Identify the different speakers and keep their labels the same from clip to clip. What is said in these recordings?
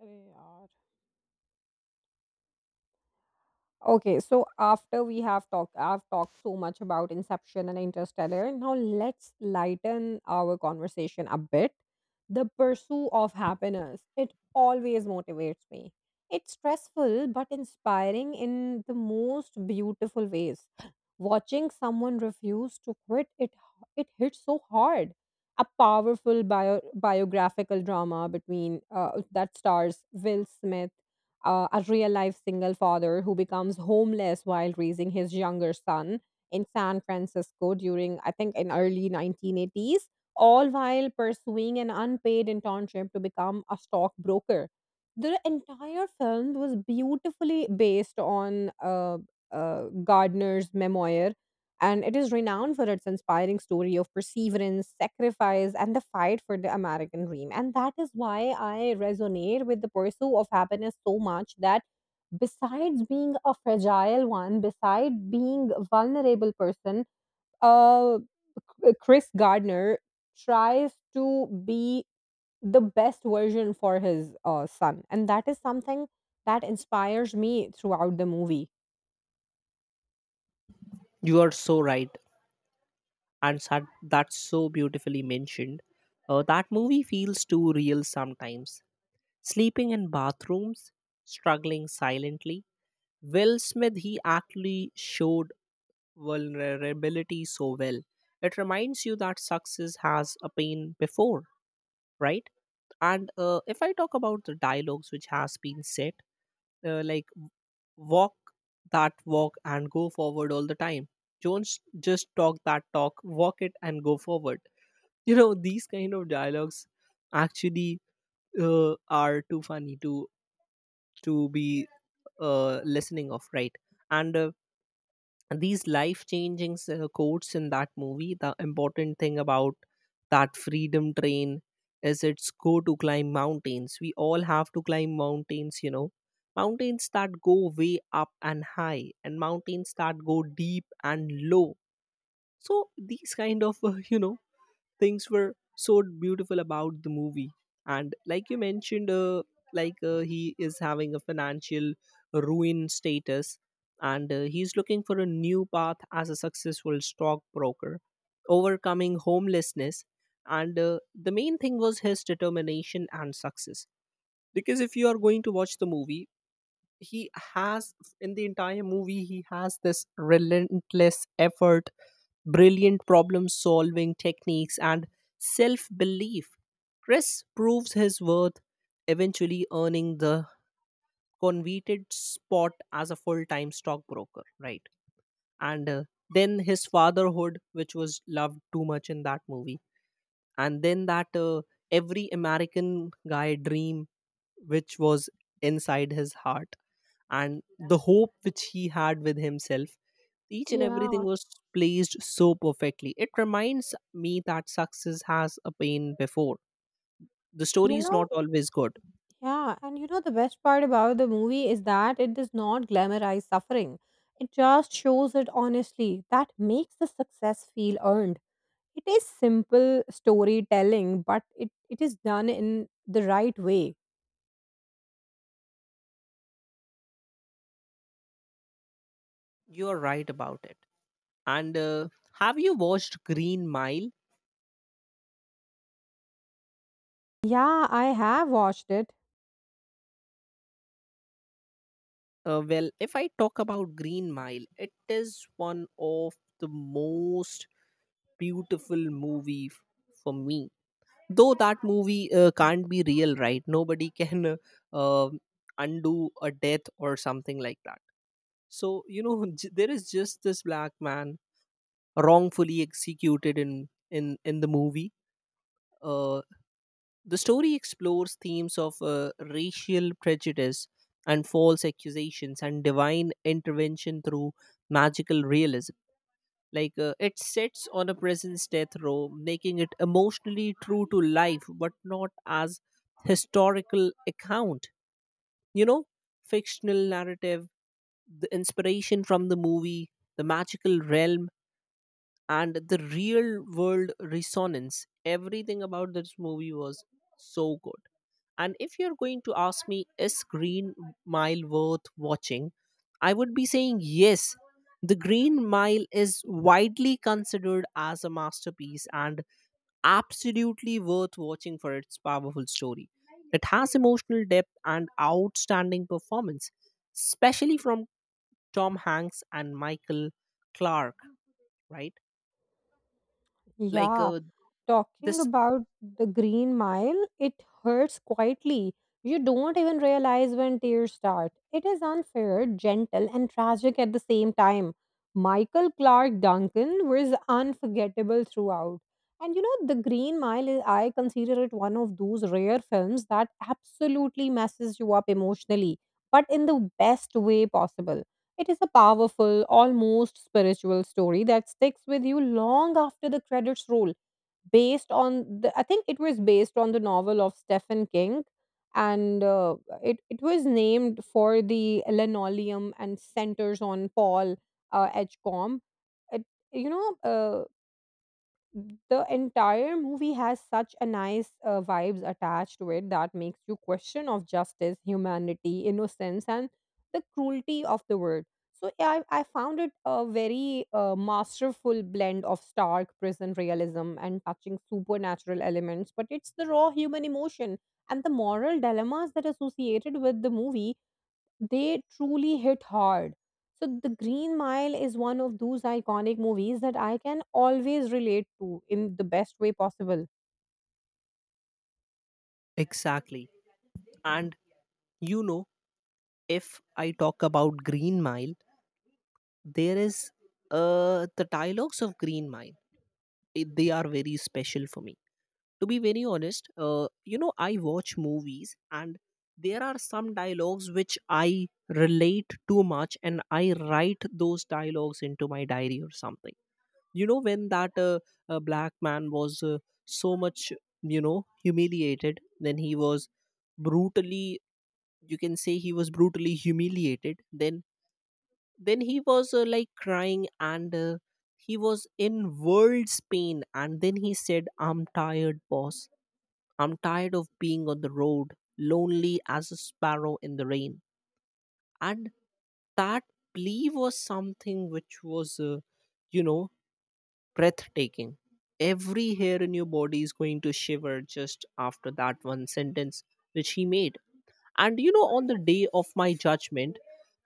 Speaker 1: अरे यार. Okay, so after we have talked I've talked so much about inception and interstellar. Now let's lighten our conversation a bit. The pursuit of happiness, it always motivates me. It's stressful but inspiring in the most beautiful ways. Watching someone refuse to quit, it hits so hard. A powerful biographical drama between that stars Will Smith. A real life single father who becomes homeless while raising his younger son in San Francisco during, I think, in early 1980s, all while pursuing an unpaid internship to become a stockbroker. The entire film was beautifully based on Gardner's memoir, and it is renowned for its inspiring story of perseverance, sacrifice, and the fight for the American dream. And that is why I resonate with the pursuit of happiness so much that, besides being a fragile one, beside being a vulnerable person, uh, Chris Gardner tries to be the best version for his son. And that is something that inspires me throughout the movie.
Speaker 2: You are so right, and that's so beautifully mentioned. That movie feels too real sometimes. Sleeping in bathrooms, struggling silently. Will Smith, he actually showed vulnerability so well. It reminds you that success has a pain before, right? And if I talk about the dialogues which has been said, like walk that walk and go forward all the time, don't s- just talk that talk, walk it and go forward, you know, these kind of dialogues actually are too funny to be listening of, right? And these life changing quotes in that movie, the important thing about that freedom train is it's go to climb mountains, we all have to climb mountains, you know, mountains that go way up and high and mountains that go deep and low. So these kind of you know, things were so beautiful about the movie. And like you mentioned, like he is having a financial ruin status, and he's looking for a new path as a successful stockbroker, overcoming homelessness. And the main thing was his determination and success, because if you are going to watch the movie, he has, in the entire movie, he has this relentless effort, brilliant problem solving techniques, and self belief. Chris proves his worth, eventually earning the coveted spot as a full time stockbroker, right? And then his fatherhood, which was loved too much in that movie, and then that every American guy dream, which was inside his heart, and the hope which he had with himself, each and everything
Speaker 1: Yeah.
Speaker 2: was placed so perfectly. It reminds me that success has a pain before. The story
Speaker 1: You
Speaker 2: is
Speaker 1: know,
Speaker 2: not always good.
Speaker 1: yeah, and you know the best part about the movie is that it does not glamorize suffering. It just shows it honestly. That makes the success feel earned. It is simple storytelling, but it is done in the right way.
Speaker 2: You are right about it. And have you watched Green Mile?
Speaker 1: Yeah, I have watched it.
Speaker 2: Well, if I talk about Green Mile, it is one of the most beautiful movie for me, though that movie can't be real, right? Nobody can uh, um, undo a death or something like that. So you know, there is just this black man wrongfully executed in the movie. uh, the story explores themes of racial prejudice and false accusations and divine intervention through magical realism. Like it sits on a prison's death row, making it emotionally true to life, but not as historical account. You know, fictional narrative, the inspiration from the movie, the magical realm, and the real world resonance. Everything about this movie was so good. And if you're going to ask me, is Green Mile worth watching? I would be saying yes. The Green Mile is widely considered as a masterpiece and absolutely worth watching for its powerful story. It has emotional depth and outstanding performance, especially from Tom Hanks and Michael Clark, right? Like
Speaker 1: Yeah.
Speaker 2: uh,
Speaker 1: Talking
Speaker 2: this
Speaker 1: about the Green Mile, it hurts quietly. You don't even realize when tears start. It is unfair, gentle, and tragic at the same time. Michael Clark Duncan was unforgettable throughout. And you know, The Green Mile, I consider it one of those rare films that absolutely messes you up emotionally, but in the best way possible. It is a powerful, almost spiritual story that sticks with you long after the credits roll, based on the, I think it was based on the novel of Stephen King, and it was named for the linoleum and centers on Paul Edgecombe. It, you know, uh, the entire movie has such a nice vibes attached to it that makes you question of justice, humanity, innocence, and the cruelty of the world. So I found it a very masterful blend of stark prison realism and touching supernatural elements, but it's the raw human emotion and the moral dilemmas that are associated with the movie, they truly hit hard. So The Green Mile is one of those iconic movies that I can always relate to in the best way possible.
Speaker 2: exactly. And you know, if I talk about Green Mile, there is the dialogues of Green Mile. It, they are very special for me. To be very honest, you know, I watch movies, and there are some dialogues which I relate too much, and I write those dialogues into my diary or something. You know, when that black man was so much, you know, humiliated, then he was brutally, you can say he was brutally humiliated, then he was like crying, and he was in world's pain, and then he said, I'm tired, boss. I'm tired of being on the road, lonely as a sparrow in the rain. And that plea was something which was, you know, breathtaking. Every hair in your body is going to shiver just after that one sentence which he made. And you know, on the day of my judgment,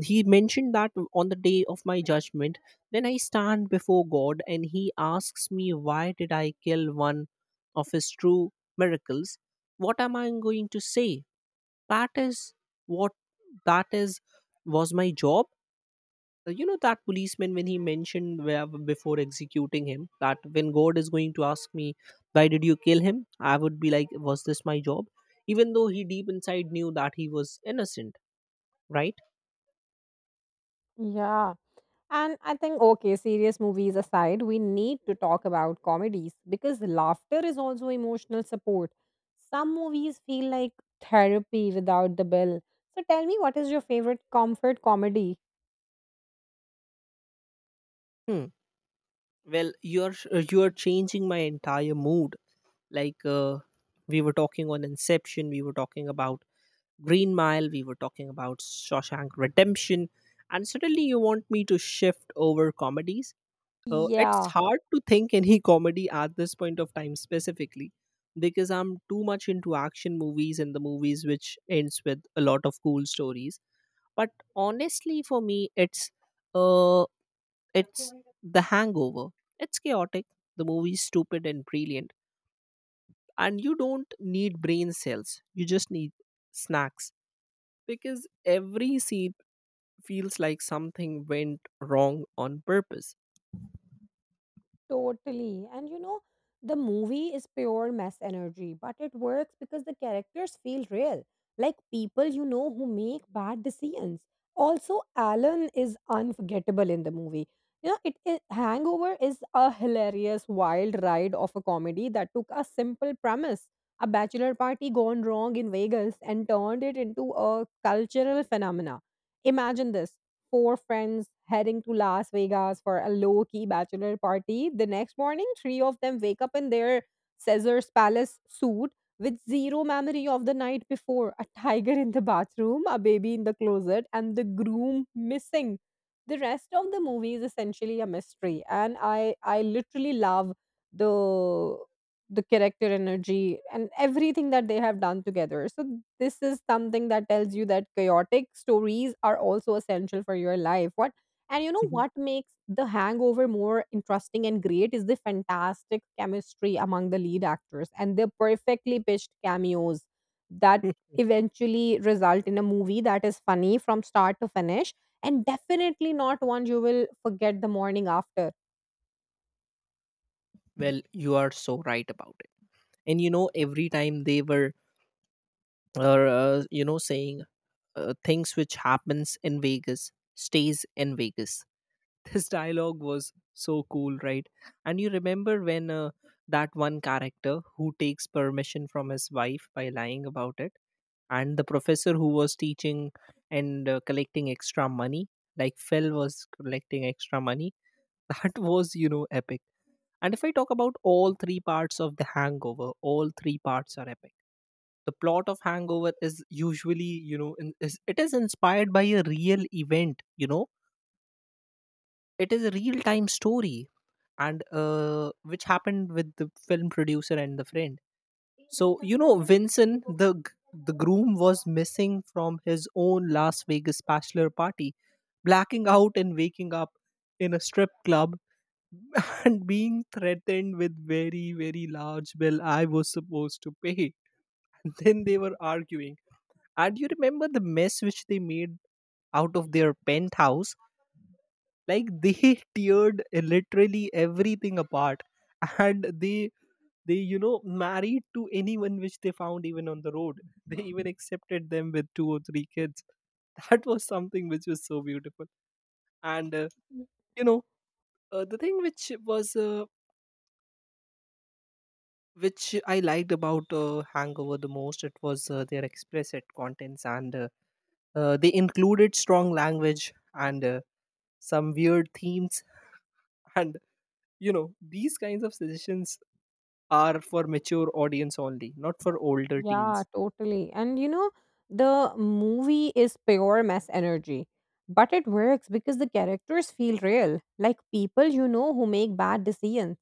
Speaker 2: he mentioned that on the day of my judgment, then I stand before God and he asks me, why did I kill one of his true miracles? What am I going to say? That is what that is was my job. You know, that policeman, when he mentioned before executing him, that when God is going to ask me, why did you kill him? I would be like, was this my job? Even though he deep inside knew that he was innocent, right?
Speaker 1: Yeah. And I think, okay, serious movies aside, we need to talk about comedies because laughter is also emotional support. Some movies feel like therapy without the bill. So tell me, what is your favorite comfort comedy?
Speaker 2: Hmm. Well, you're changing my entire mood. Like uh, we were talking on Inception, we were talking about Green Mile, we were talking about Shawshank Redemption, and suddenly you want me to shift over comedies. It's
Speaker 1: Yeah.
Speaker 2: hard to think any comedy at this point of time, specifically because I'm too much into action movies and the movies which ends with a lot of cool stories. But honestly for me, it's uh it's The Hangover. It's chaotic, the movie's stupid and brilliant, and you don't need brain cells, you just need snacks, because every scene feels like something went wrong on purpose.
Speaker 1: Totally. And you know, the movie is pure mess energy, but it works because the characters feel real, like people you know who make bad decisions. Also, Alan is unforgettable in the movie. You know, it Hangover is a hilarious wild ride of a comedy that took a simple premise, a bachelor party gone wrong in Vegas, and turned it into a cultural phenomena. Imagine this: four friends heading to Las Vegas for a low key bachelor party. The next morning, three of them wake up in their Caesar's Palace suit with zero memory of the night before, a tiger in the bathroom, a baby in the closet, and the groom missing. The rest of the movie is essentially a mystery, and I literally love the the character energy and everything that they have done together. So this is something that tells you that chaotic stories are also essential for your life. What, and you know what makes The Hangover more interesting and great is the fantastic chemistry among the lead actors and the perfectly pitched cameos that eventually result in a movie that is funny from start to finish, and definitely not one you will forget the morning after.
Speaker 2: Well, you are so right about it. And you know, every time they were, you know, saying things which happens in Vegas stays in Vegas. This dialogue was so cool, right? And you remember when, that one character who takes permission from his wife by lying about it, and the professor who was teaching and collecting extra money, like Phil was collecting extra money. That was, you know, epic. And if I talk about all three parts of The Hangover, all three parts are epic. The plot of Hangover is usually, you know, it is inspired by a real event, you know, it is a real time story, and which happened with the film producer and the friend. So you know, Vincent, the the groom was missing from his own Las Vegas bachelor party, blacking out and waking up in a strip club, and being threatened with very very large bill I was supposed to pay. And then they were arguing. And you remember the mess which they made out of their penthouse? Like they teared literally everything apart, and they, you know, married to anyone which they found even on the road. They even accepted them with two or three kids. That was something which was so beautiful. And uh, you know uh, the thing which was, which I liked about Hangover the most, it was their explicit contents, and they included strong language, and some weird themes, and you know, these kinds of suggestions are for mature audience only, not for older
Speaker 1: Yeah,
Speaker 2: teens.
Speaker 1: totally. And you know, the movie is pure mess energy, but it works because the characters feel real, like people you know who make bad decisions.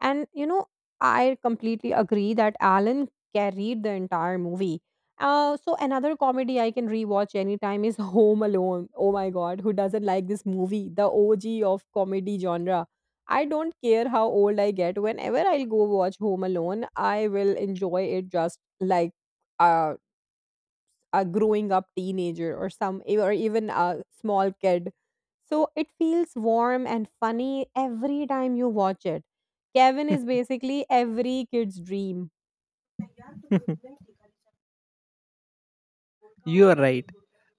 Speaker 1: And you know, I completely agree that Alan carried the entire movie. So another comedy I can rewatch anytime is Home Alone. Oh my god, who doesn't like this movie? The OG of comedy genre. I don't care how old I get. Whenever I'll go watch Home Alone, I will enjoy it just like uh a growing up teenager or some or even a small kid. So it feels warm and funny every time you watch it. Kevin is basically every kid's dream.
Speaker 2: You are right.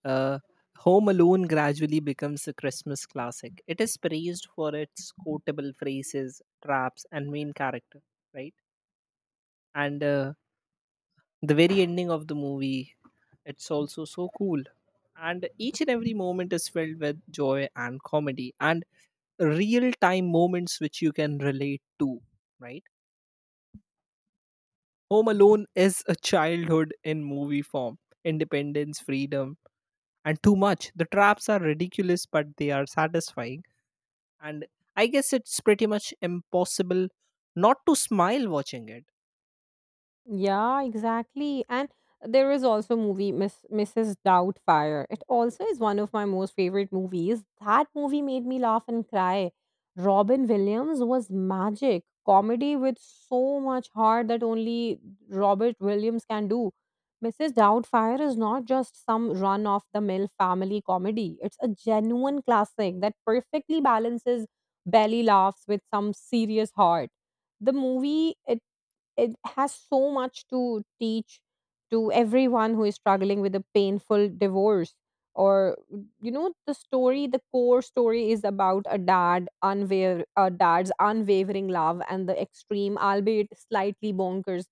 Speaker 2: Uh, Home Alone gradually becomes a Christmas classic. It is praised for its quotable phrases, traps, and main character, right? And the very ending of the movie, it's also so cool, and each and every moment is filled with joy and comedy and real time moments which you can relate to, right? Home Alone is a childhood in movie form, independence, freedom, and too much. The traps are ridiculous, but they are satisfying, and I guess it's pretty much impossible not to smile watching it.
Speaker 1: Yeah, exactly. And there is also movie Miss Mrs. Doubtfire. It also is one of my most favorite movies. That movie made me laugh and cry. Robin Williams was magic. Comedy with so much heart that only Robert Williams can do. Mrs. Doubtfire is not just some run of the mill family comedy. It's a genuine classic that perfectly balances belly laughs with some serious heart. The movie it It has so much to teach to everyone who is struggling with a painful divorce, or you know, the core story is about a dad unwaver a dad's unwavering love and the extreme, albeit slightly bonkers.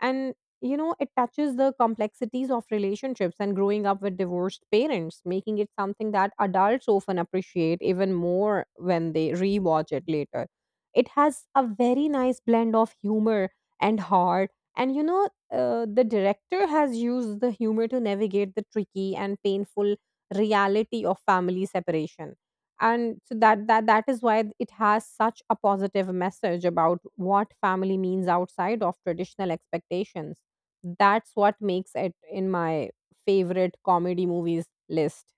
Speaker 1: And you know, it touches the complexities of relationships and growing up with divorced parents, making it something that adults often appreciate even more when they rewatch it later. It has a very nice blend of humor and hard. And you know, the director has used the humor to navigate the tricky and painful reality of family separation. And so that is why it has such a positive message about what family means outside of traditional expectations. That's what makes it in my favorite comedy movies list.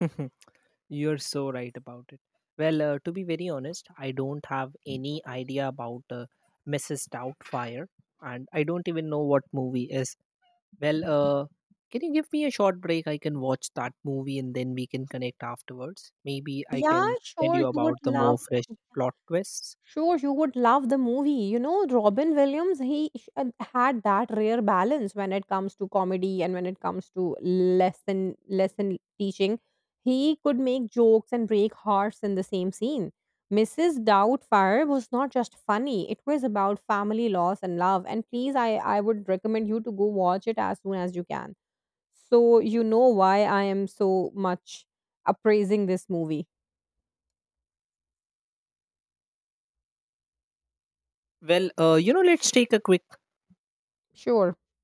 Speaker 2: You're so right about it. Well, to be very honest, I don't have any idea about Mrs. Doubtfire, and I don't even know what movie is. Well, can you give me a short break? I can watch that movie, and then we can connect afterwards. Maybe I
Speaker 1: Yeah,
Speaker 2: can tell
Speaker 1: sure,
Speaker 2: you
Speaker 1: you
Speaker 2: about
Speaker 1: would
Speaker 2: the more
Speaker 1: love.
Speaker 2: fresh plot twists.
Speaker 1: Sure, you would love the movie. You know, Robin Williams, had that rare balance when it comes to comedy and when it comes to lesson teaching. He could make jokes and break hearts in the same scene. Mrs. Doubtfire was not just funny; it was about family, loss, and love. And please, I would recommend you to go watch it as soon as you can, so you know why I am so much appraising this movie.
Speaker 2: Well, you know, let's take a quick
Speaker 1: Sure.